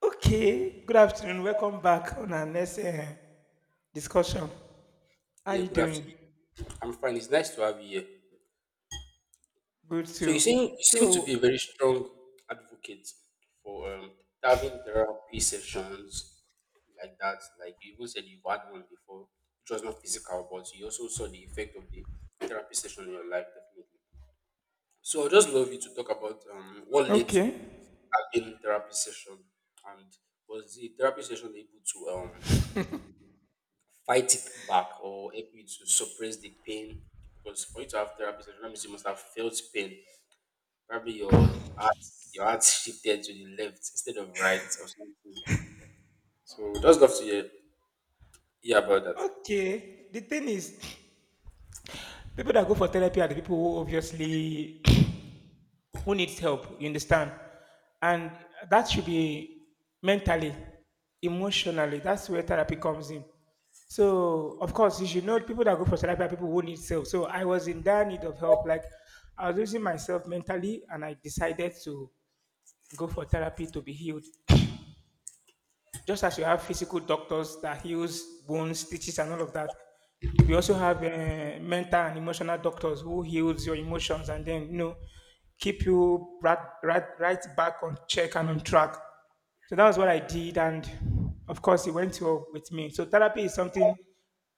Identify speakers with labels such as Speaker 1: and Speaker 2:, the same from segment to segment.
Speaker 1: Okay, good afternoon. Welcome back on our next discussion. How
Speaker 2: Yeah,
Speaker 1: you
Speaker 2: good
Speaker 1: doing?
Speaker 2: afternoon. I'm fine. It's nice to have you here.
Speaker 1: Good
Speaker 2: So you
Speaker 1: too.
Speaker 2: seem you seem to be a
Speaker 1: So,
Speaker 2: very strong advocate for having therapy sessions like that. Like you even said you've had one before, which was not physical, but you also saw the effect of the therapy session in your life, definitely. So I'd just love you to talk about what led to
Speaker 1: okay,
Speaker 2: you having therapy session, and was the therapy session able to fight it back or help you to suppress the pain? Because for you to have therapy session, that means you must have felt pain. Probably your heart, your heart shifted to the left instead of right or something. So we just love to hear about that.
Speaker 1: okay. The thing is, people that go for therapy are the people who obviously who needs help. You understand? And that should be mentally, emotionally. That's where therapy comes in. So, of course, you should know people that go for therapy are people who need help. So, I was in dire need of help. Like, I was losing myself mentally, and I decided to go for therapy to be healed. Just as you have physical doctors that heals bones, stitches, and all of that, we also have mental and emotional doctors who heals your emotions, and then you know keep you right, right, right back on check and on track. So that was what I did, and of course, it went well with me. So therapy is something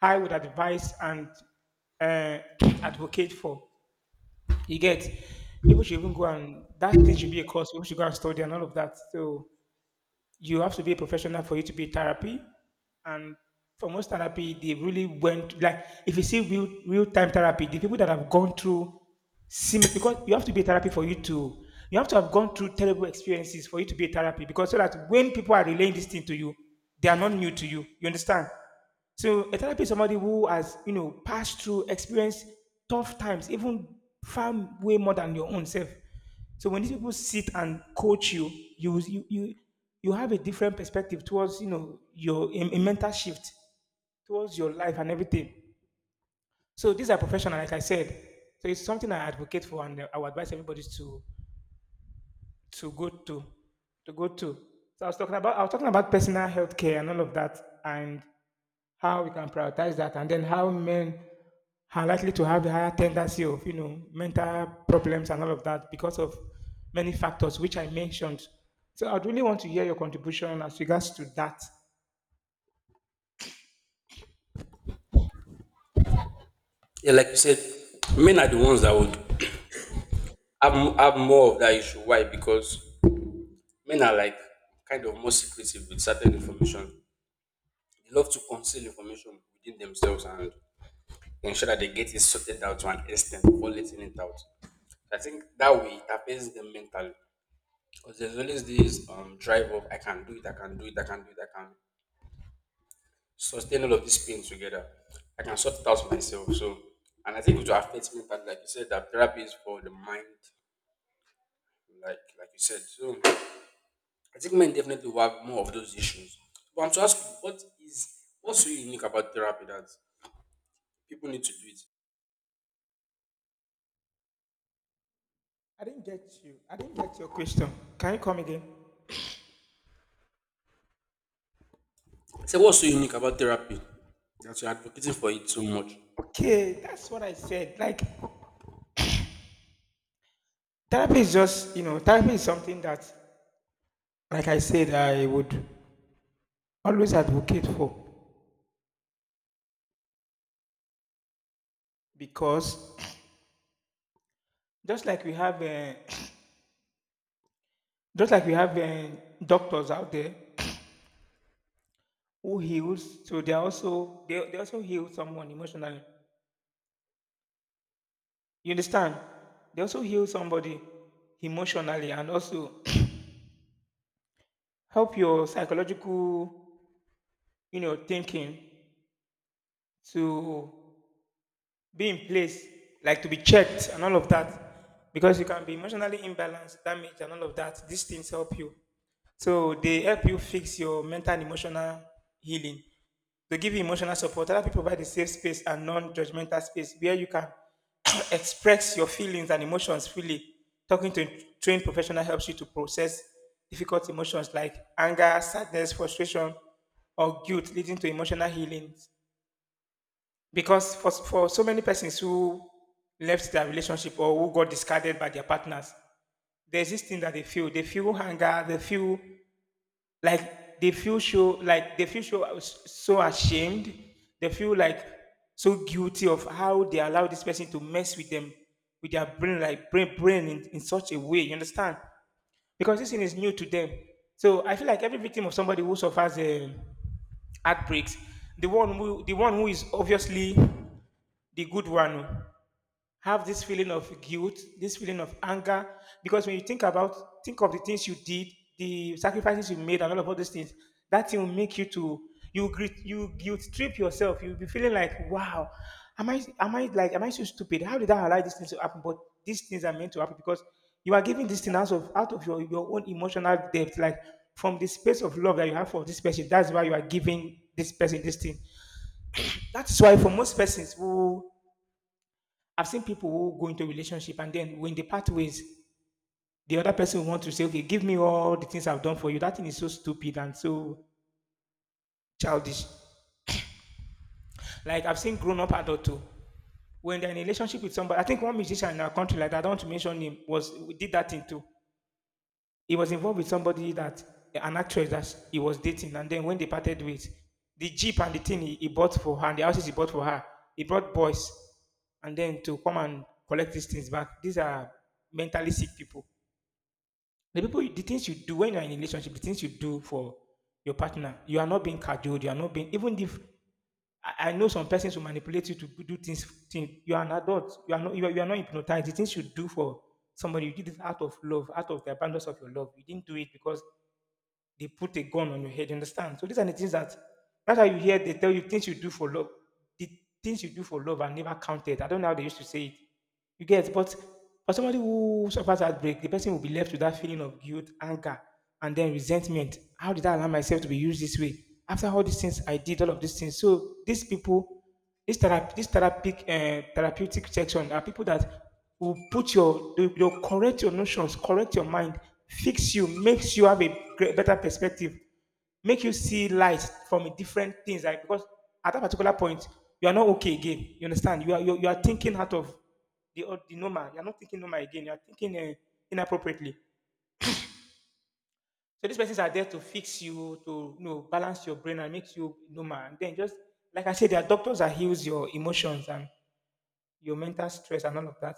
Speaker 1: I would advise and uh, advocate for. You get people should even go and that thing should be a course. People should go and study and all of that. So you have to be a professional for you to be therapy. And for most therapy, they really went like if you see real time therapy, the people that have gone through similar, because you have to be a therapy for you to you have to have gone through terrible experiences for you to be a therapy, because so that when people are relaying this thing to you, they are not new to you. You understand? So a therapist is somebody who has, you know, passed through, experienced tough times, even far way more than your own self. So when these people sit and coach you, you you you, you have a different perspective towards you know your a mental shift towards your life and everything. So these are professional, like I said. So it's something I advocate for, and I would advise everybody to go to go to. I was talking about personal health care and all of that, and how we can prioritize that, and then how men are likely to have the higher tendency of you know mental problems and all of that because of many factors which I mentioned. So I'd really want to hear your contribution as regards to that.
Speaker 2: Yeah, like you said, men are the ones that would have more of that issue. Why? Because men are like kind of more secretive with certain information. They love to conceal information within themselves and ensure that they get it sorted out to an extent before letting it out. I think that way it affects them mentally because there's always this drive of I can do it, I can do it, I can do it, I can sustain all of this pain together. I can sort it out for myself. So, and I think it will affect mentally, like you said, that therapy is for the mind, like you said. So, I think men definitely will have more of those issues. But I'm to ask you, what's so unique about therapy that people need to do it?
Speaker 1: I didn't get you. I didn't get your question. Can you come again?
Speaker 2: I say, what's so unique about therapy that you're advocating for it so much?
Speaker 1: Okay, that's what I said. Like therapy is just you know therapy is something that, like I said, I would always advocate for, because just like we have uh, just like we have doctors out there who heals. So they are also they also heal someone emotionally. You understand? They also heal somebody emotionally and also help your psychological, you know, thinking to be in place, like to be checked and all of that. Because you can be emotionally imbalanced, damaged, and all of that. These things help you. So they help you fix your mental and emotional healing. They give you emotional support. Other people provide a safe space and non-judgmental space where you can express your feelings and emotions freely. Talking to a trained professional helps you to process difficult emotions like anger, sadness, frustration, or guilt, leading to emotional healing. Because for so many persons who left their relationship or who got discarded by their partners, there's this thing that they feel. They feel anger, they feel so so ashamed. They feel like so guilty of how they allow this person to mess with them, with their brain, like brain in such a way. You understand? Because this thing is new to them. So I feel like every victim of somebody who suffers a outbreaks, the one who is obviously the good one oh, have this feeling of guilt, this feeling of anger, because when you think about, think of the things you did, the sacrifices you made, and all those things, that thing will make you to you guilt trip yourself. You'll be feeling like, wow, am I so stupid? How did I allow these things to happen? But these things are meant to happen because you are giving these things out of your own emotional depth, like from the space of love that you have for this person. That's why you are giving this person this thing. That's why for most persons who I've seen people who go into a relationship and then when they part ways, the other person will want to say, okay, give me all the things I've done for you. That thing is so stupid and so childish. Like I've seen grown up adult too. When they're in a relationship with somebody, I think one musician in our country, like I don't want to mention him, was did that thing too. He was involved with somebody that an actress that he was dating, and then when they parted ways, the jeep and the thing he bought for her and the houses he bought for her, he brought boys and then to come and collect these things back. These are mentally sick people. The people, you- the things you do when you're in a relationship, the things you do for your partner, you are not being cajoled. You are not being, even if I know some persons will manipulate you to do things. Thing, you are an adult. You are not. You are not hypnotized. The things you do for somebody, you did it out of love, out of the abundance of your love. You didn't do it because they put a gun on your head, you understand? So these are the things that that's how you hear they tell you things you do for love. The things you do for love are never counted. I don't know how they used to say it. You get, but for somebody who suffers heartbreak, the person will be left with that feeling of guilt, anger, and then resentment. How did I allow myself to be used this way? After all these things I did, all of these things. So these people, this therapy, this therapeutic, therapeutic section are people that will put your will correct your notions, correct your mind, fix you, makes you have a great, better perspective, make you see light from a different things. Like because at that particular point, you are not okay again. You understand? You are you are thinking out of the odd- the normal. You are not thinking normal again. You are thinking inappropriately. So these persons are there to fix you, to you know, balance your brain and make you normal. And then just like I said, there are doctors that heals your emotions and your mental stress and all of that.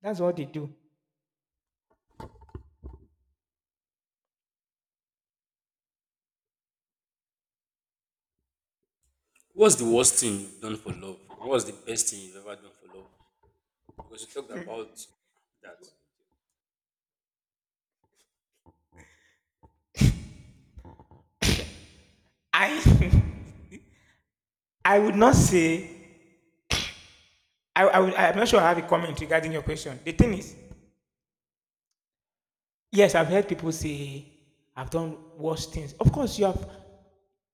Speaker 1: That's what they do.
Speaker 2: What's the worst thing you've done for love? And what's the best thing you've ever done for love? Because you talked about that.
Speaker 1: I I would not say, I'm not sure I have a comment regarding your question. The thing is, yes, I've heard people say, I've done worse things. Of course, you have,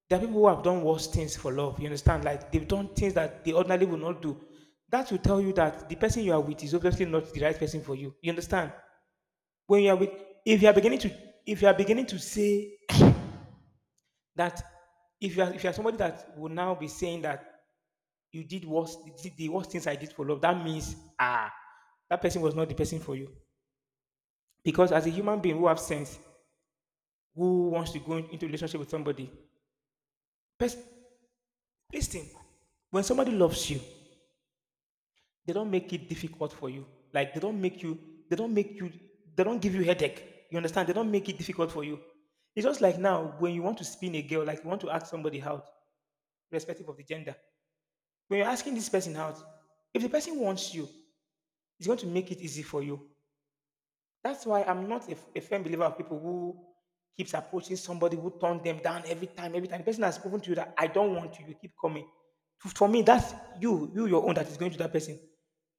Speaker 1: there are people who have done worse things for love. You understand? Like, they've done things that they ordinarily would not do. That will tell you that the person you are with is obviously not the right person for you. You understand? When you are with, if you are beginning to, if you are beginning to say that, if you are somebody that will now be saying that you did worse, the worst things I did for love, that means, ah, that person was not the person for you. Because as a human being who have sense, who wants to go in- into relationship with somebody, pers- listen, when somebody loves you, they don't make it difficult for you. Like they don't give you headache. You understand? They don't make it difficult for you. It's just like now when you want to spin a girl, like you want to ask somebody out, irrespective of the gender. When you're asking this person out, if the person wants you, it's going to make it easy for you. That's why I'm not a firm believer of people who keeps approaching somebody who turn them down every time, every time. The person has proven to you that I don't want you, you keep coming. To- For me, that's you your own that is going to that person.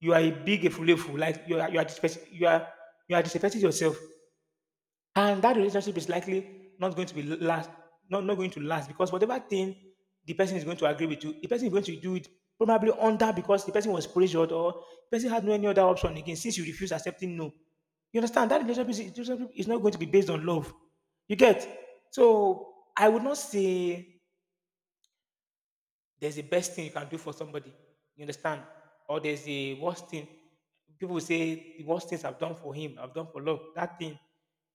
Speaker 1: You are a big efulefu, like you are disrespect- you are disrespecting yourself, and that relationship is likely not going to be last, not going to last because whatever thing the person is going to agree with you, the person is going to do it probably under, because the person was pressured or the person had no any other option again, since you refuse accepting no. You understand? That relationship is not going to be based on love. You get? So I would not say there's the best thing you can do for somebody. You understand? Or there's the worst thing. People say the worst things I've done for him, I've done for love. That thing.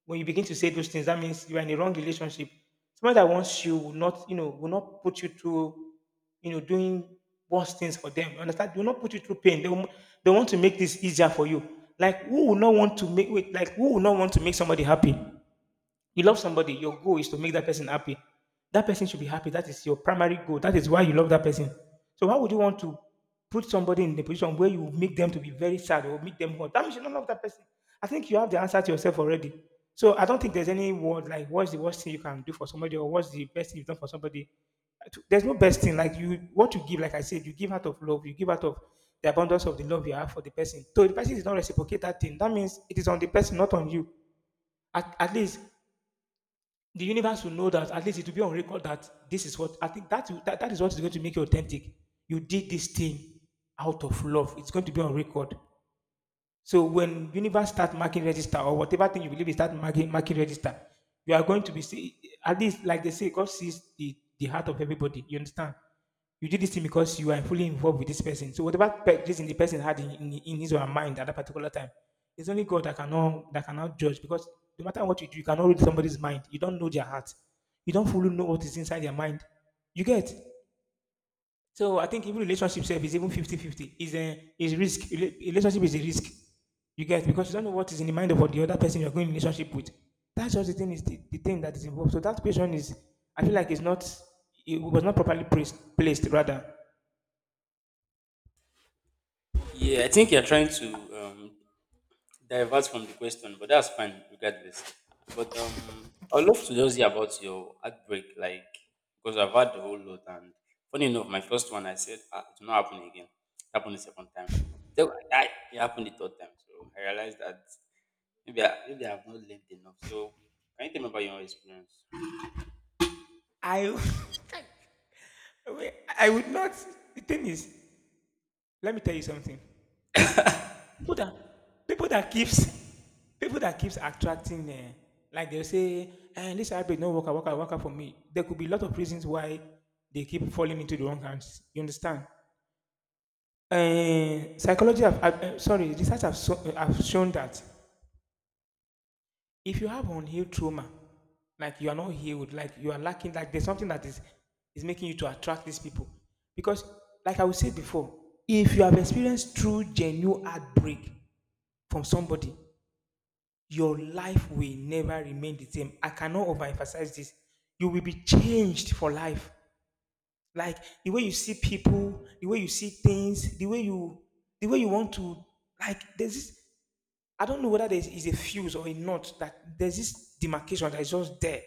Speaker 1: When you begin to say those things, that means you are in a wrong relationship. Someone that wants you will not, will not put you through, doing worse things for them. You understand? They will not put you through pain. They will, they want to make this easier for you. Like who would not want to make wait, like who would not want to make somebody happy? You love somebody, your goal is to make that person happy. That person should be happy. That is your primary goal. That is why you love that person. So why would you want to put somebody in the position where you make them to be very sad or make them hurt? That means you don't love that person. I think you have the answer to yourself already. So I don't think there's any word like what's the worst thing you can do for somebody or what's the best thing you've done for somebody. There's no best thing. Like you, what you give, like I said, you give out of love. You give out of the abundance of the love you have for the person. So if the person is not reciprocate that thing, that means it is on the person, not on you. At least the universe will know that, at least it will be on record that this is what I think, that that is what is going to make you authentic. You did this thing out of love. It's going to be on record. So when universe start marking register, or whatever thing you believe is start marking register, you are going to be see, at least like they say, God sees the heart of everybody. You understand? You did this thing because you are fully involved with this person. So whatever pe- reason the person had in his or her mind at that particular time, it's only God that cannot judge, because no matter what you do, you cannot read somebody's mind. You don't know their heart. You don't fully know what is inside their mind. You get? So I think even relationship self is even 50-50. Is a is risk. Rela- Relationship is a risk. You get, because you don't know what is in the mind of what the other person you're going in relationship with. That's just the thing, is the thing that is involved. So that question is, I feel like it's not, it was not properly placed rather.
Speaker 2: Yeah, I think you're trying to divert from the question, but that's fine regardless. But I'd love to just hear about your heartbreak, like, because I've had the whole lot. And funny enough, my first one, I said, ah, it will not happen again. It happened the second time. Then when I died, it happened the third time. So I realized that maybe I've not lived enough. So can you tell me about your experience?
Speaker 1: I I would not, the thing is, let me tell you something. people that people that keeps people that keeps attracting like they'll say, and this hybrid no worker for me, there could be a lot of reasons why they keep falling into the wrong hands. You understand? Psychology have- sorry research have shown that if you have unhealed trauma, like you are not healed, like you are lacking, like there's something that is making you to attract these people, because like I was said before, if you have experienced true genuine heartbreak from somebody, your life will never remain the same. I cannot overemphasize this. You will be changed for life. Like the way you see people, the way you see things, the way you, the way you want to, like there's this, I don't know whether there is a fuse or a knot, that there's this demarcation that is just there.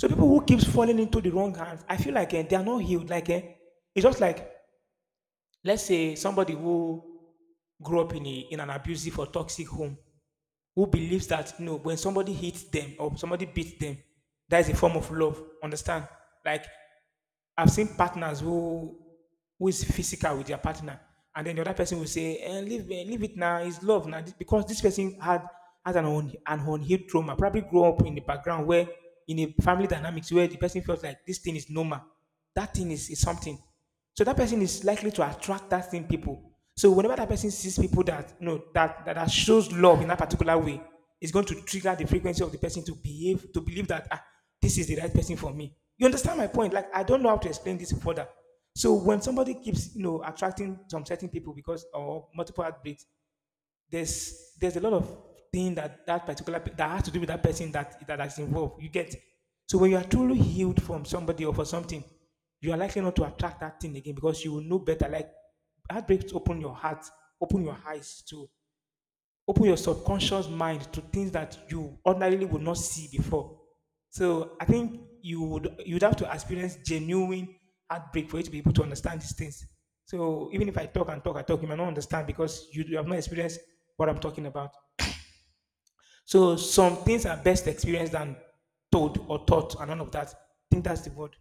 Speaker 1: So people who keeps falling into the wrong hands, I feel like they are not healed. Like it's just like, let's say somebody who grew up in a, in an abusive or toxic home, who believes that no, when somebody hits them or somebody beats them, that is a form of love. Understand? Like I've seen partners who is physical with their partner, and then the other person will say, "Leave, leave it now. It's love now," because this person had, has an an unhealed trauma. Probably grew up in the background where, in a family dynamics where the person felt like this thing is normal. That thing is something. So that person is likely to attract that same people. So whenever that person sees people that no that, that shows love in that particular way, it's going to trigger the frequency of the person to behave, to believe that ah, this is the right person for me. You understand my point? Like I don't know how to explain this further. So when somebody keeps attracting some certain people, because or multiple heartbeats, there's a lot of thing that that particular pe- that has to do with that person that that is involved. You get? So when you are truly healed from somebody or for something, you are likely not to attract that thing again, because you will know better. Like heartbreaks open your heart, open your eyes to, open your subconscious mind to things that you ordinarily would not see before. So I think you would, you'd have to experience genuine heartbreak for you to be able to understand these things. So even if I talk and talk and talk, you might not understand, because you have not experienced what I'm talking about. So some things are best experienced than told or taught and none of that. I think that's the word.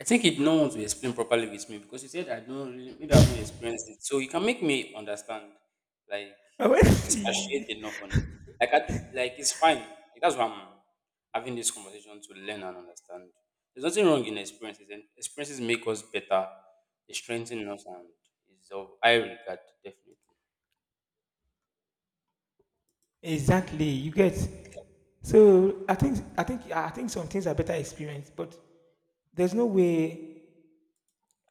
Speaker 2: I think it no one to explain properly with me because you said I don't really, maybe I've not experienced it. So you can make me understand, like,
Speaker 1: I went see.
Speaker 2: expatiate enough on it. Like, like it's fine. Like, that's why I'm having this conversation to learn and understand. There's nothing wrong in experiences, and experiences make us better. They strengthen us, and is of high regard, definitely.
Speaker 1: Exactly, you get. So I think some things are better experienced, but there's no way,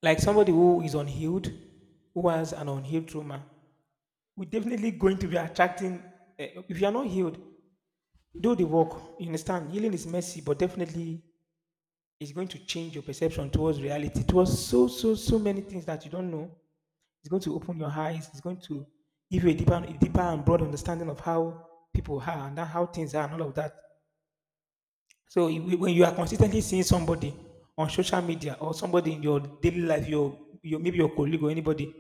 Speaker 1: like somebody who is unhealed, who has an unhealed trauma, we're definitely going to be attracting. If you are not healed, do the work. You understand? Healing is messy, but definitely it's going to change your perception towards reality, towards so many things that you don't know. It's going to open your eyes. It's going to give you a deeper and broad understanding of how people are and how things are and all of that. So you- when you are consistently seeing somebody on social media or somebody in your daily life, your maybe your colleague or anybody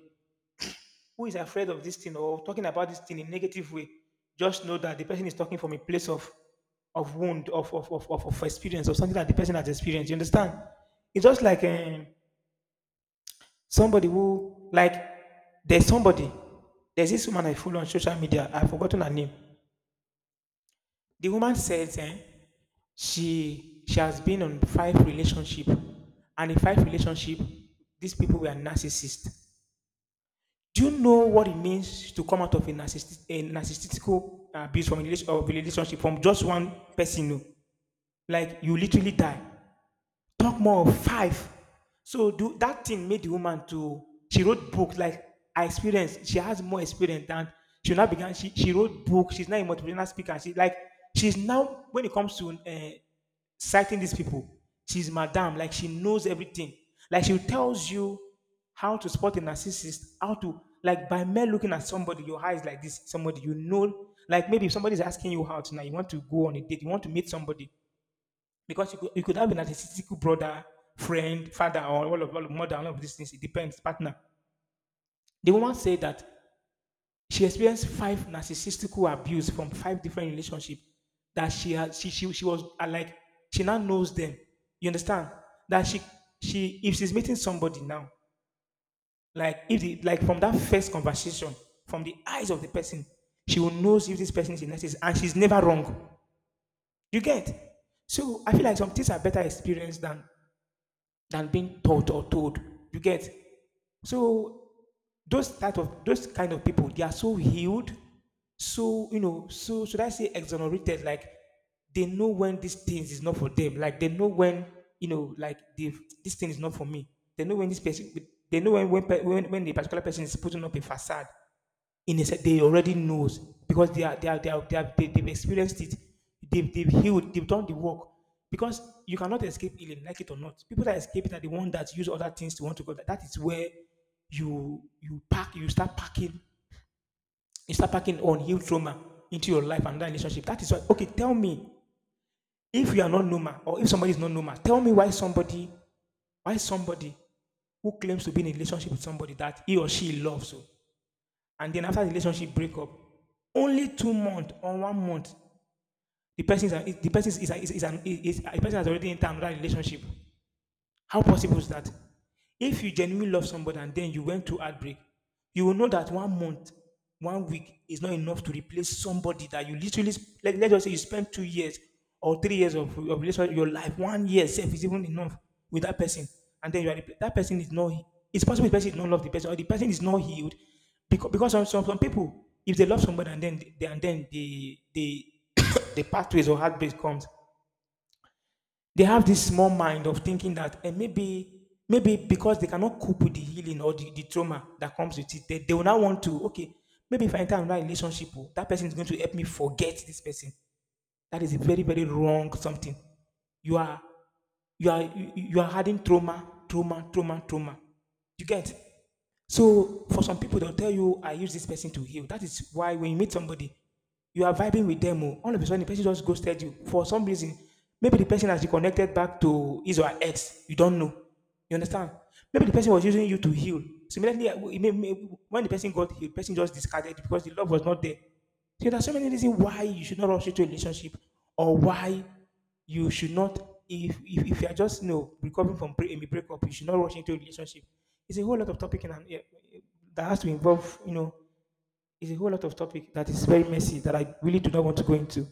Speaker 1: who is afraid of this thing, or talking about this thing in negative way, just know that the person is talking from a place of wound, of experience, of something that the person has experienced. You understand? It's just like somebody who, like, there's somebody, there's this woman I follow on social media. I've forgotten her name. The woman says she has been on five relationship, and in five relationship, these people were narcissists. Do you know what it means to come out of a narcissistic abuse from a relation- of a relationship from just one person? Oh? Like you literally die. Talk more of five. So do that thing made the woman to, she wrote book like, I experienced. She has more experience than, she now began. She wrote book. She's now a motivational speaker. She like, she's now, when it comes to citing these people, she's madam. Like she knows everything. Like she tells you how to spot a narcissist, how to, like by mere looking at somebody, your eyes like this, somebody you know. Like maybe if somebody's asking you out now, you want to go on a date, you want to meet somebody, because you could have an narcissistic brother, friend, father, or all of mother, all of these things. It depends, partner. The woman said that she experienced five narcissistic abuse from five different relationships. That she has, she, she was like, she now knows them. You understand that she, if she's meeting somebody now, like if the, like from that first conversation, from the eyes of the person, she will know if this person is a narcissist, and she's never wrong. You get? So I feel like some things are better experienced than being taught or told. You get? So those type of those kind of people, they are so healed, so you know, so should I say exonerated? Like they know when these things is not for them. Like they know when, you know, like they've, this thing is not for me. They know when this person, they know when the particular person is putting up a facade they already knows because they are they are they are, they are they, they've experienced it they've healed, they've done the work. Because you cannot escape healing, like it or not. People that escape it are the one that use other things to want to go, that that is where you pack you start packing unhealed trauma into your life and that relationship. That is why, okay, tell me, if you are not normal or if somebody is not normal, tell me why somebody who claims to be in a relationship with somebody that he or she loves, oh, and then after the relationship break up, only 2 months or 1 month, the person is, the person has already entered another relationship. How possible is that? If you genuinely love somebody and then you went through heartbreak, you will know that 1 month, 1 week is not enough to replace somebody that you let's just say you spent 2 years or 3 years of relationship, your life, 1 year self is even enough with that person, and then you that person is not. It's possible the person is not love the person or the person is not healed because some people if they love somebody and then they, and then the the pathways or heartbreak comes, they have this small mind of thinking that, maybe maybe because they cannot cope with the healing or the trauma that comes with it, they will now want to, okay, maybe if I enter another relationship, oh, that person is going to help me forget this person. That is a very, very wrong something. You are you are adding trauma, trauma, trauma, trauma. You get? So for some people, they'll tell you, I use this person to heal. That is why when you meet somebody, you are vibing with them. Oh, all of a sudden, the person just ghosted you for some reason. Maybe the person has reconnected back to his or her ex. You don't know. You understand? Maybe the person was using you to heal. Similarly, when the person got healed, the person just discarded you because the love was not there. So there are so many reasons why you should not rush into a relationship, or why you should not, if you are just, you know, recovering from a breakup, you should not rush into a relationship. It's a whole lot of topic in, an- eh, eh, that has to involve, you know, it's a whole lot of topic that is very messy that I really do not want to go into.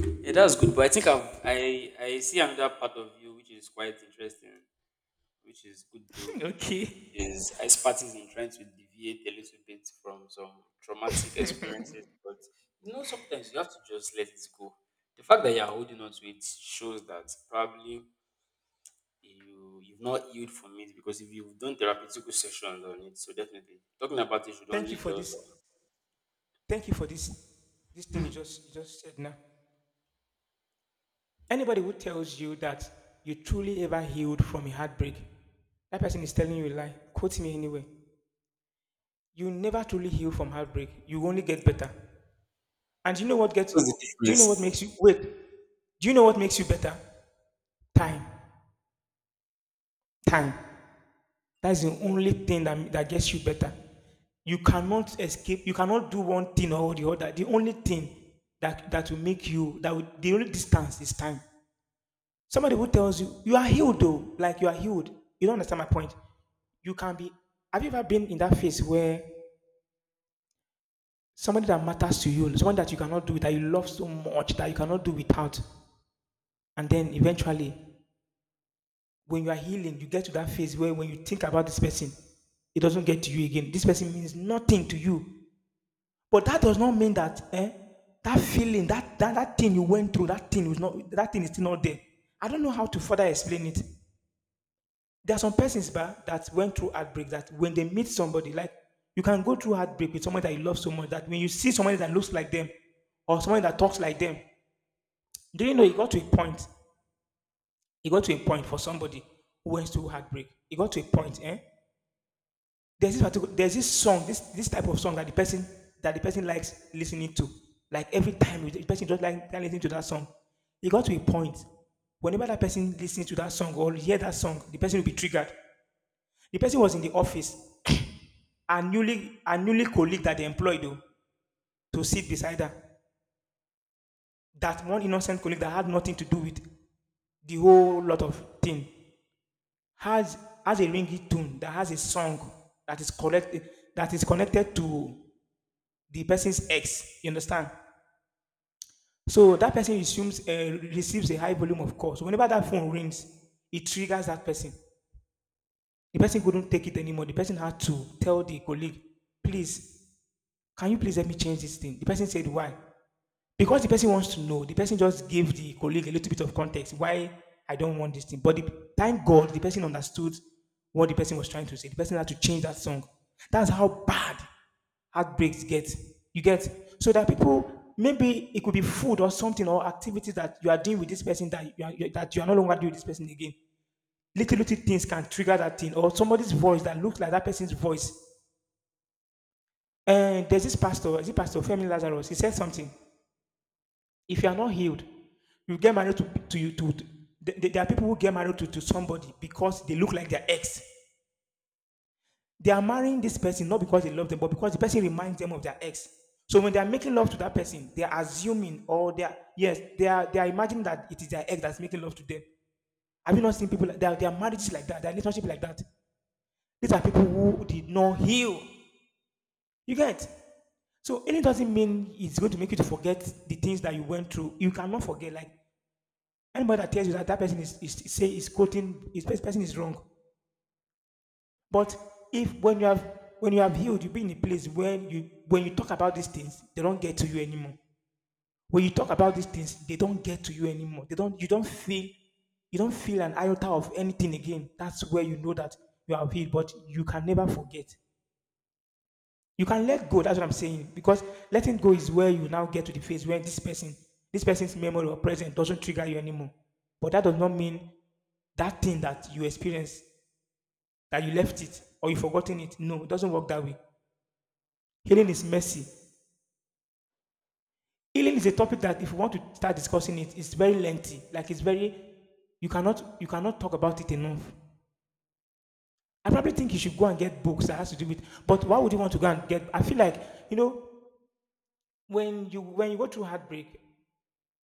Speaker 2: Yeah, that's good. But I think I see another part of you which is quite interesting, which is good though.
Speaker 1: Okay.
Speaker 2: Is expertise in trying to deviate a little bit from some traumatic experiences. But you know, sometimes you have to just let it go. The fact that you're holding on to it shows that probably you've not healed from it, because if you've done therapeutic sessions on it, so definitely talking about it should
Speaker 1: Thank
Speaker 2: only
Speaker 1: you for
Speaker 2: just
Speaker 1: this. Thank you for this. This thing you just said now. Anybody who tells you that you truly ever healed from a heartbreak, that person is telling you a lie. Quote me anyway. You never truly heal from heartbreak. You only get better. And you know what gets
Speaker 2: what's the
Speaker 1: do you know what makes
Speaker 2: difference?
Speaker 1: you wait? Do you know what makes you better? Time. Time. That's the only thing that gets you better. You cannot escape, you cannot do one thing or the other. The only thing that, that will make you that will, the only distance is time. Somebody who tells you you are healed, though, like you are healed. You don't understand my point. You can be have you ever been in that phase where somebody that matters to you, someone that you cannot do, that you love so much, that you cannot do without. And then eventually, when you are healing, you get to that phase where when you think about this person, it doesn't get to you again. This person means nothing to you. But that does not mean that, eh, that feeling, that that thing you went through, that thing is still not there. I don't know how to further explain it. There are some persons, bah, that went through heartbreak that when they meet somebody, like, you can go through heartbreak with someone that you love so much that when you see somebody that looks like them or someone that talks like them. Do you know it got to a point? It got to a point for somebody who went through heartbreak. It got to a point, eh? There's this song, this type of song that the person likes listening to. Like every time the person just like listening to that song. It got to a point. Whenever that person listens to that song or hear that song, the person will be triggered. The person was in the office. A newly colleague that they employed, oh, to sit beside her. That one innocent colleague that had nothing to do with the whole lot of thing has a ringtone that has a song that is connected, that is connected to the person's ex. You understand? So that person assumes, receives a high volume of calls. So whenever that phone rings, it triggers that person. The person couldn't take it anymore. The person had to tell the colleague, "Please, can you please help me change this thing?" The person said, "Why?" Because the person wants to know, the person just gave the colleague a little bit of context why I don't want this thing. But the, thank God, the person understood what the person was trying to say. The person had to change that song. That's how bad heartbreaks get. You get? So that people, maybe it could be food or something, or activities that you are doing with this person that that you are no longer doing with this person again. Little little things can trigger that thing, or somebody's voice that looks like that person's voice. And there's this pastor, is it Pastor Femi Lazarus? He said something. If you are not healed, you get married to there are people who get married to somebody because they look like their ex. They are marrying this person not because they love them, but because the person reminds them of their ex. So when they are making love to that person, they are assuming, or they are, yes, they are imagining that it is their ex that's making love to them. Have you not seen people like their marriages like that, their relationship like that? These are people who did not heal. You get? So healing doesn't mean it's going to make you to forget the things that you went through. You cannot forget, like, anybody that tells you that, that person is say is quoting is this person is wrong. But if when you have healed, you be in a place where you, when you talk about these things, they don't get to you anymore. When you talk about these things, they don't get to you anymore. They don't you don't feel an iota of anything again. That's where you know that you are healed, but you can never forget. You can let go. That's what I'm saying. Because letting go is where you now get to the phase where this person, this person's memory or present doesn't trigger you anymore. But that does not mean that thing that you experienced, that you left it or you forgotten it. No, it doesn't work that way. Healing is mercy. Healing is a topic that if you want to start discussing it, it's very lengthy. Like it's very, you cannot talk about it enough. I probably think you should go and get books that has to do with, but why would you want to go and get, I feel like, you know, when you go through heartbreak,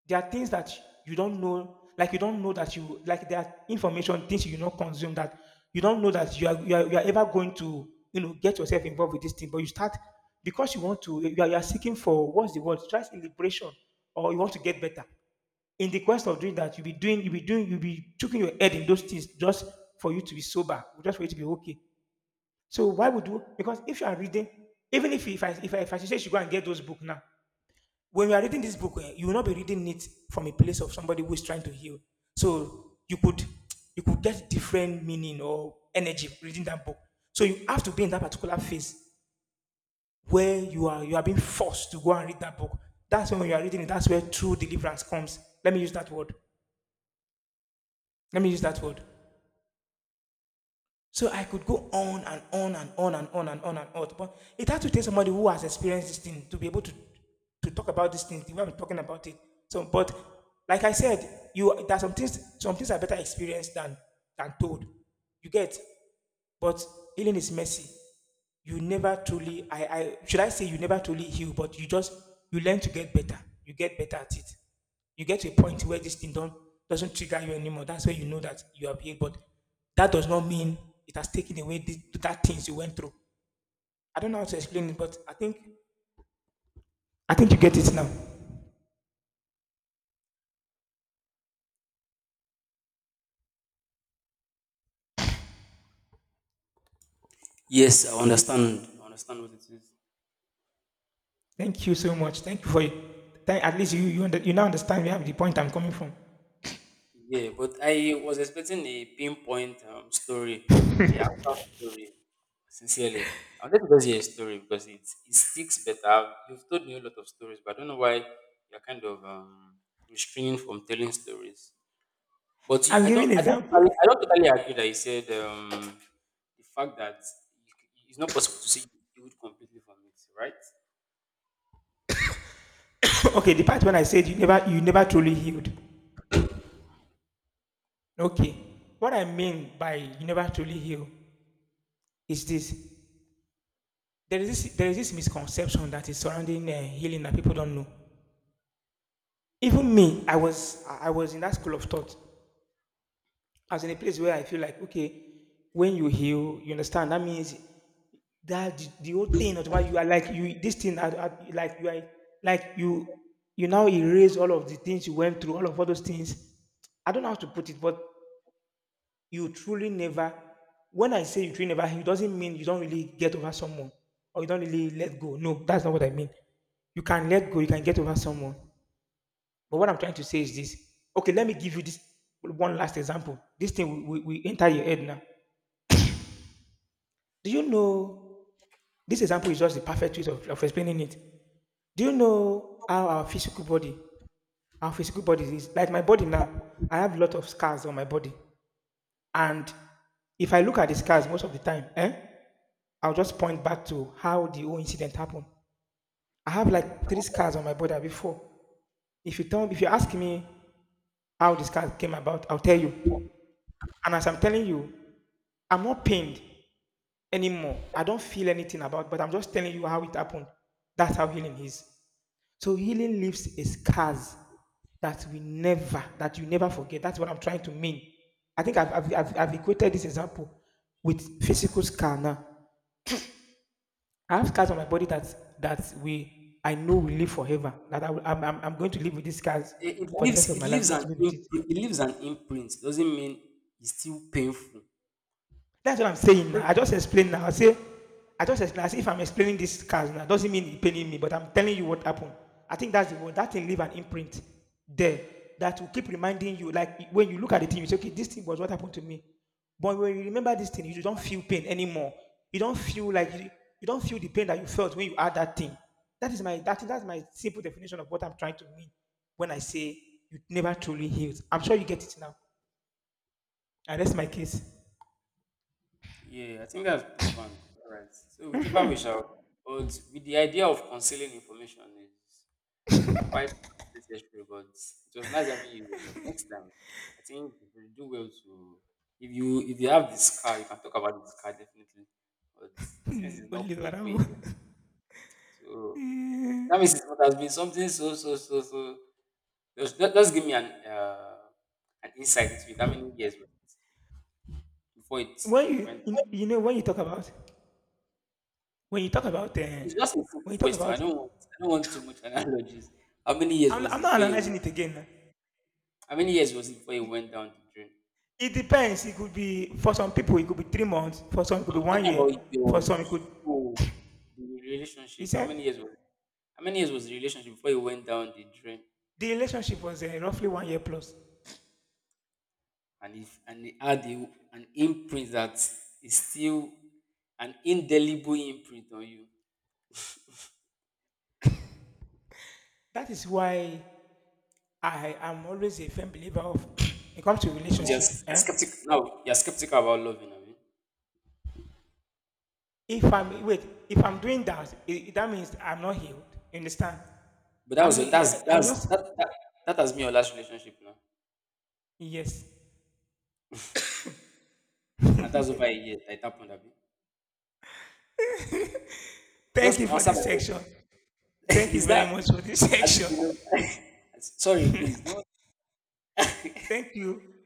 Speaker 1: there are things that you don't know, like you don't know that you, like there are information things you do not consume, that you don't know that you are ever going to, you know, get yourself involved with this thing, but you start because you want to you are seeking for, what's the word, stress in liberation, or you want to get better. In the quest of doing that, you'll be choking your head in those things just for you to be sober, just for you to be okay. So why would you? Because if you are reading, even if I say you should go and get those books now, when you are reading this book, eh, you will not be reading it from a place of somebody who is trying to heal. So you could get different meaning or energy reading that book. So you have to be in that particular phase where you are being forced to go and read that book. That's when you are reading it. That's where true deliverance comes. Let me use that word. Let me use that word. So I could go on and on and on and on and on and on. But it had to take somebody who has experienced this thing to be able to talk about this thing. When I'm talking about it. So, but like I said, you there are some things. Some things are better experienced than told. You get. But healing is messy. You never truly. I should I say you never truly heal, but you just you learn to get better. You get better at it. You get to a point where this thing don't, doesn't trigger you anymore. That's where you know that you have healed. But that does not mean it has taken away that things you went through. I don't know how to explain it, but I think you get it now.
Speaker 2: Yes, I understand. I understand what it is.
Speaker 1: Thank you so much. Thank you for it. At least you now understand where the point I'm coming from.
Speaker 2: Yeah, but I was expecting a pinpoint story, a actual story. Sincerely, I wanted to just hear a story because it sticks better. You've told me a lot of stories, but I don't know why you're kind of restraining from telling stories. But you,
Speaker 1: I'm giving an example.
Speaker 2: I don't totally agree that you said the fact that it's not possible to say you healed completely from it, right?
Speaker 1: Okay, the part when I said you never truly healed. Okay, what I mean by you never truly heal is this: there is this misconception that is surrounding healing that people don't know. Even me, I was in that school of thought. I was in a place where I feel like, okay, when you heal, you understand. That means that the whole thing of why you are like you this thing are like you now erase all of the things you went through, all of all those things. I don't know how to put it, but you truly never. When I say you truly never, it doesn't mean you don't really get over someone or you don't really let go. No, that's not what I mean. You can let go, you can get over someone, but what I'm trying to say is this. Okay, let me give you this one last example. This thing we enter your head now. Do you know this example is just the perfect way of explaining it? Do you know how our physical body is? Like my body now, I have a lot of scars on my body. And if I look at the scars most of the time, eh, I'll just point back to how the whole incident happened. I have like three scars on my body before. If you ask me how the scars came about, I'll tell you. And as I'm telling you, I'm not pained anymore. I don't feel anything about it, but I'm just telling you how it happened. That's how healing is. So healing leaves a scars that you never forget. That's what I'm trying to mean. I think I've equated this example with physical scar now. I have scars on my body that that we I know will live forever. That I will, I'm going to live with these scars
Speaker 2: It,
Speaker 1: for the rest of
Speaker 2: it
Speaker 1: my life. I'm
Speaker 2: leaves
Speaker 1: going
Speaker 2: an
Speaker 1: to live with
Speaker 2: imprint,
Speaker 1: it.
Speaker 2: it leaves an imprint. Doesn't mean it's still painful.
Speaker 1: That's what I'm saying now. I just explained now. I just explain. As if I'm explaining this cars now, doesn't mean it's paining me, but I'm telling you what happened. I think that's the one. That thing leave an imprint there that will keep reminding you. Like when you look at the thing, you say, okay, this thing was what happened to me. But when you remember this thing, you don't feel pain anymore. You don't feel like you, you don't feel the pain that you felt when you had that thing. That is my that that's my simple definition of what I'm trying to mean when I say you never truly healed. I'm sure you get it now. I rest my case.
Speaker 2: Yeah, I think that's profound. All right. So whichever we shall, but with the idea of concealing information is quite necessary. But it was nice having you here. But next time, I think we do well to if you have this car, you can talk about this car definitely. But since it's not painful yet, so
Speaker 1: Eh,
Speaker 2: that means it must have been something so. Just give me an insight into it. How many years before it
Speaker 1: when you
Speaker 2: went?
Speaker 1: you you know, when you talk about when you talk about, uh,
Speaker 2: It's just a
Speaker 1: when
Speaker 2: simple
Speaker 1: you talk
Speaker 2: question.
Speaker 1: about
Speaker 2: I don't want too much analogies. How many years was
Speaker 1: I'm
Speaker 2: it
Speaker 1: not
Speaker 2: before you
Speaker 1: analyzing it
Speaker 2: went?
Speaker 1: again. Eh.
Speaker 2: How many years was it before you went down the drain?
Speaker 1: It depends. It could be for some people, it could be 3 months. For some, it could be
Speaker 2: I'm
Speaker 1: 1
Speaker 2: talking
Speaker 1: year.
Speaker 2: about
Speaker 1: For
Speaker 2: your
Speaker 1: some, it could
Speaker 2: school, the
Speaker 1: He
Speaker 2: relationship.
Speaker 1: said
Speaker 2: How many years was the relationship before you went down the drain?
Speaker 1: the relationship was, roughly 1 year plus.
Speaker 2: And if and it had a, an imprint that is still an indelible imprint on you.
Speaker 1: That is why I am always a firm believer of it comes to
Speaker 2: I'm
Speaker 1: relationship,
Speaker 2: just you're
Speaker 1: eh,
Speaker 2: skeptical. No, you're skeptical about loving. I mean.
Speaker 1: if I'm wait, if I'm doing that, I that means I'm not healed. You understand?
Speaker 2: But that
Speaker 1: I'm
Speaker 2: was your,
Speaker 1: I I'm not
Speaker 2: that that has been your last relationship now,
Speaker 1: Yes.
Speaker 2: and that's over a year. That it happened. Abi.
Speaker 1: Thank
Speaker 2: Just
Speaker 1: you for
Speaker 2: answer
Speaker 1: this
Speaker 2: my
Speaker 1: section.
Speaker 2: question.
Speaker 1: Thank you
Speaker 2: Is
Speaker 1: very
Speaker 2: that
Speaker 1: much for this
Speaker 2: has it
Speaker 1: section.
Speaker 2: been? Sorry, please. Don't.
Speaker 1: Thank you.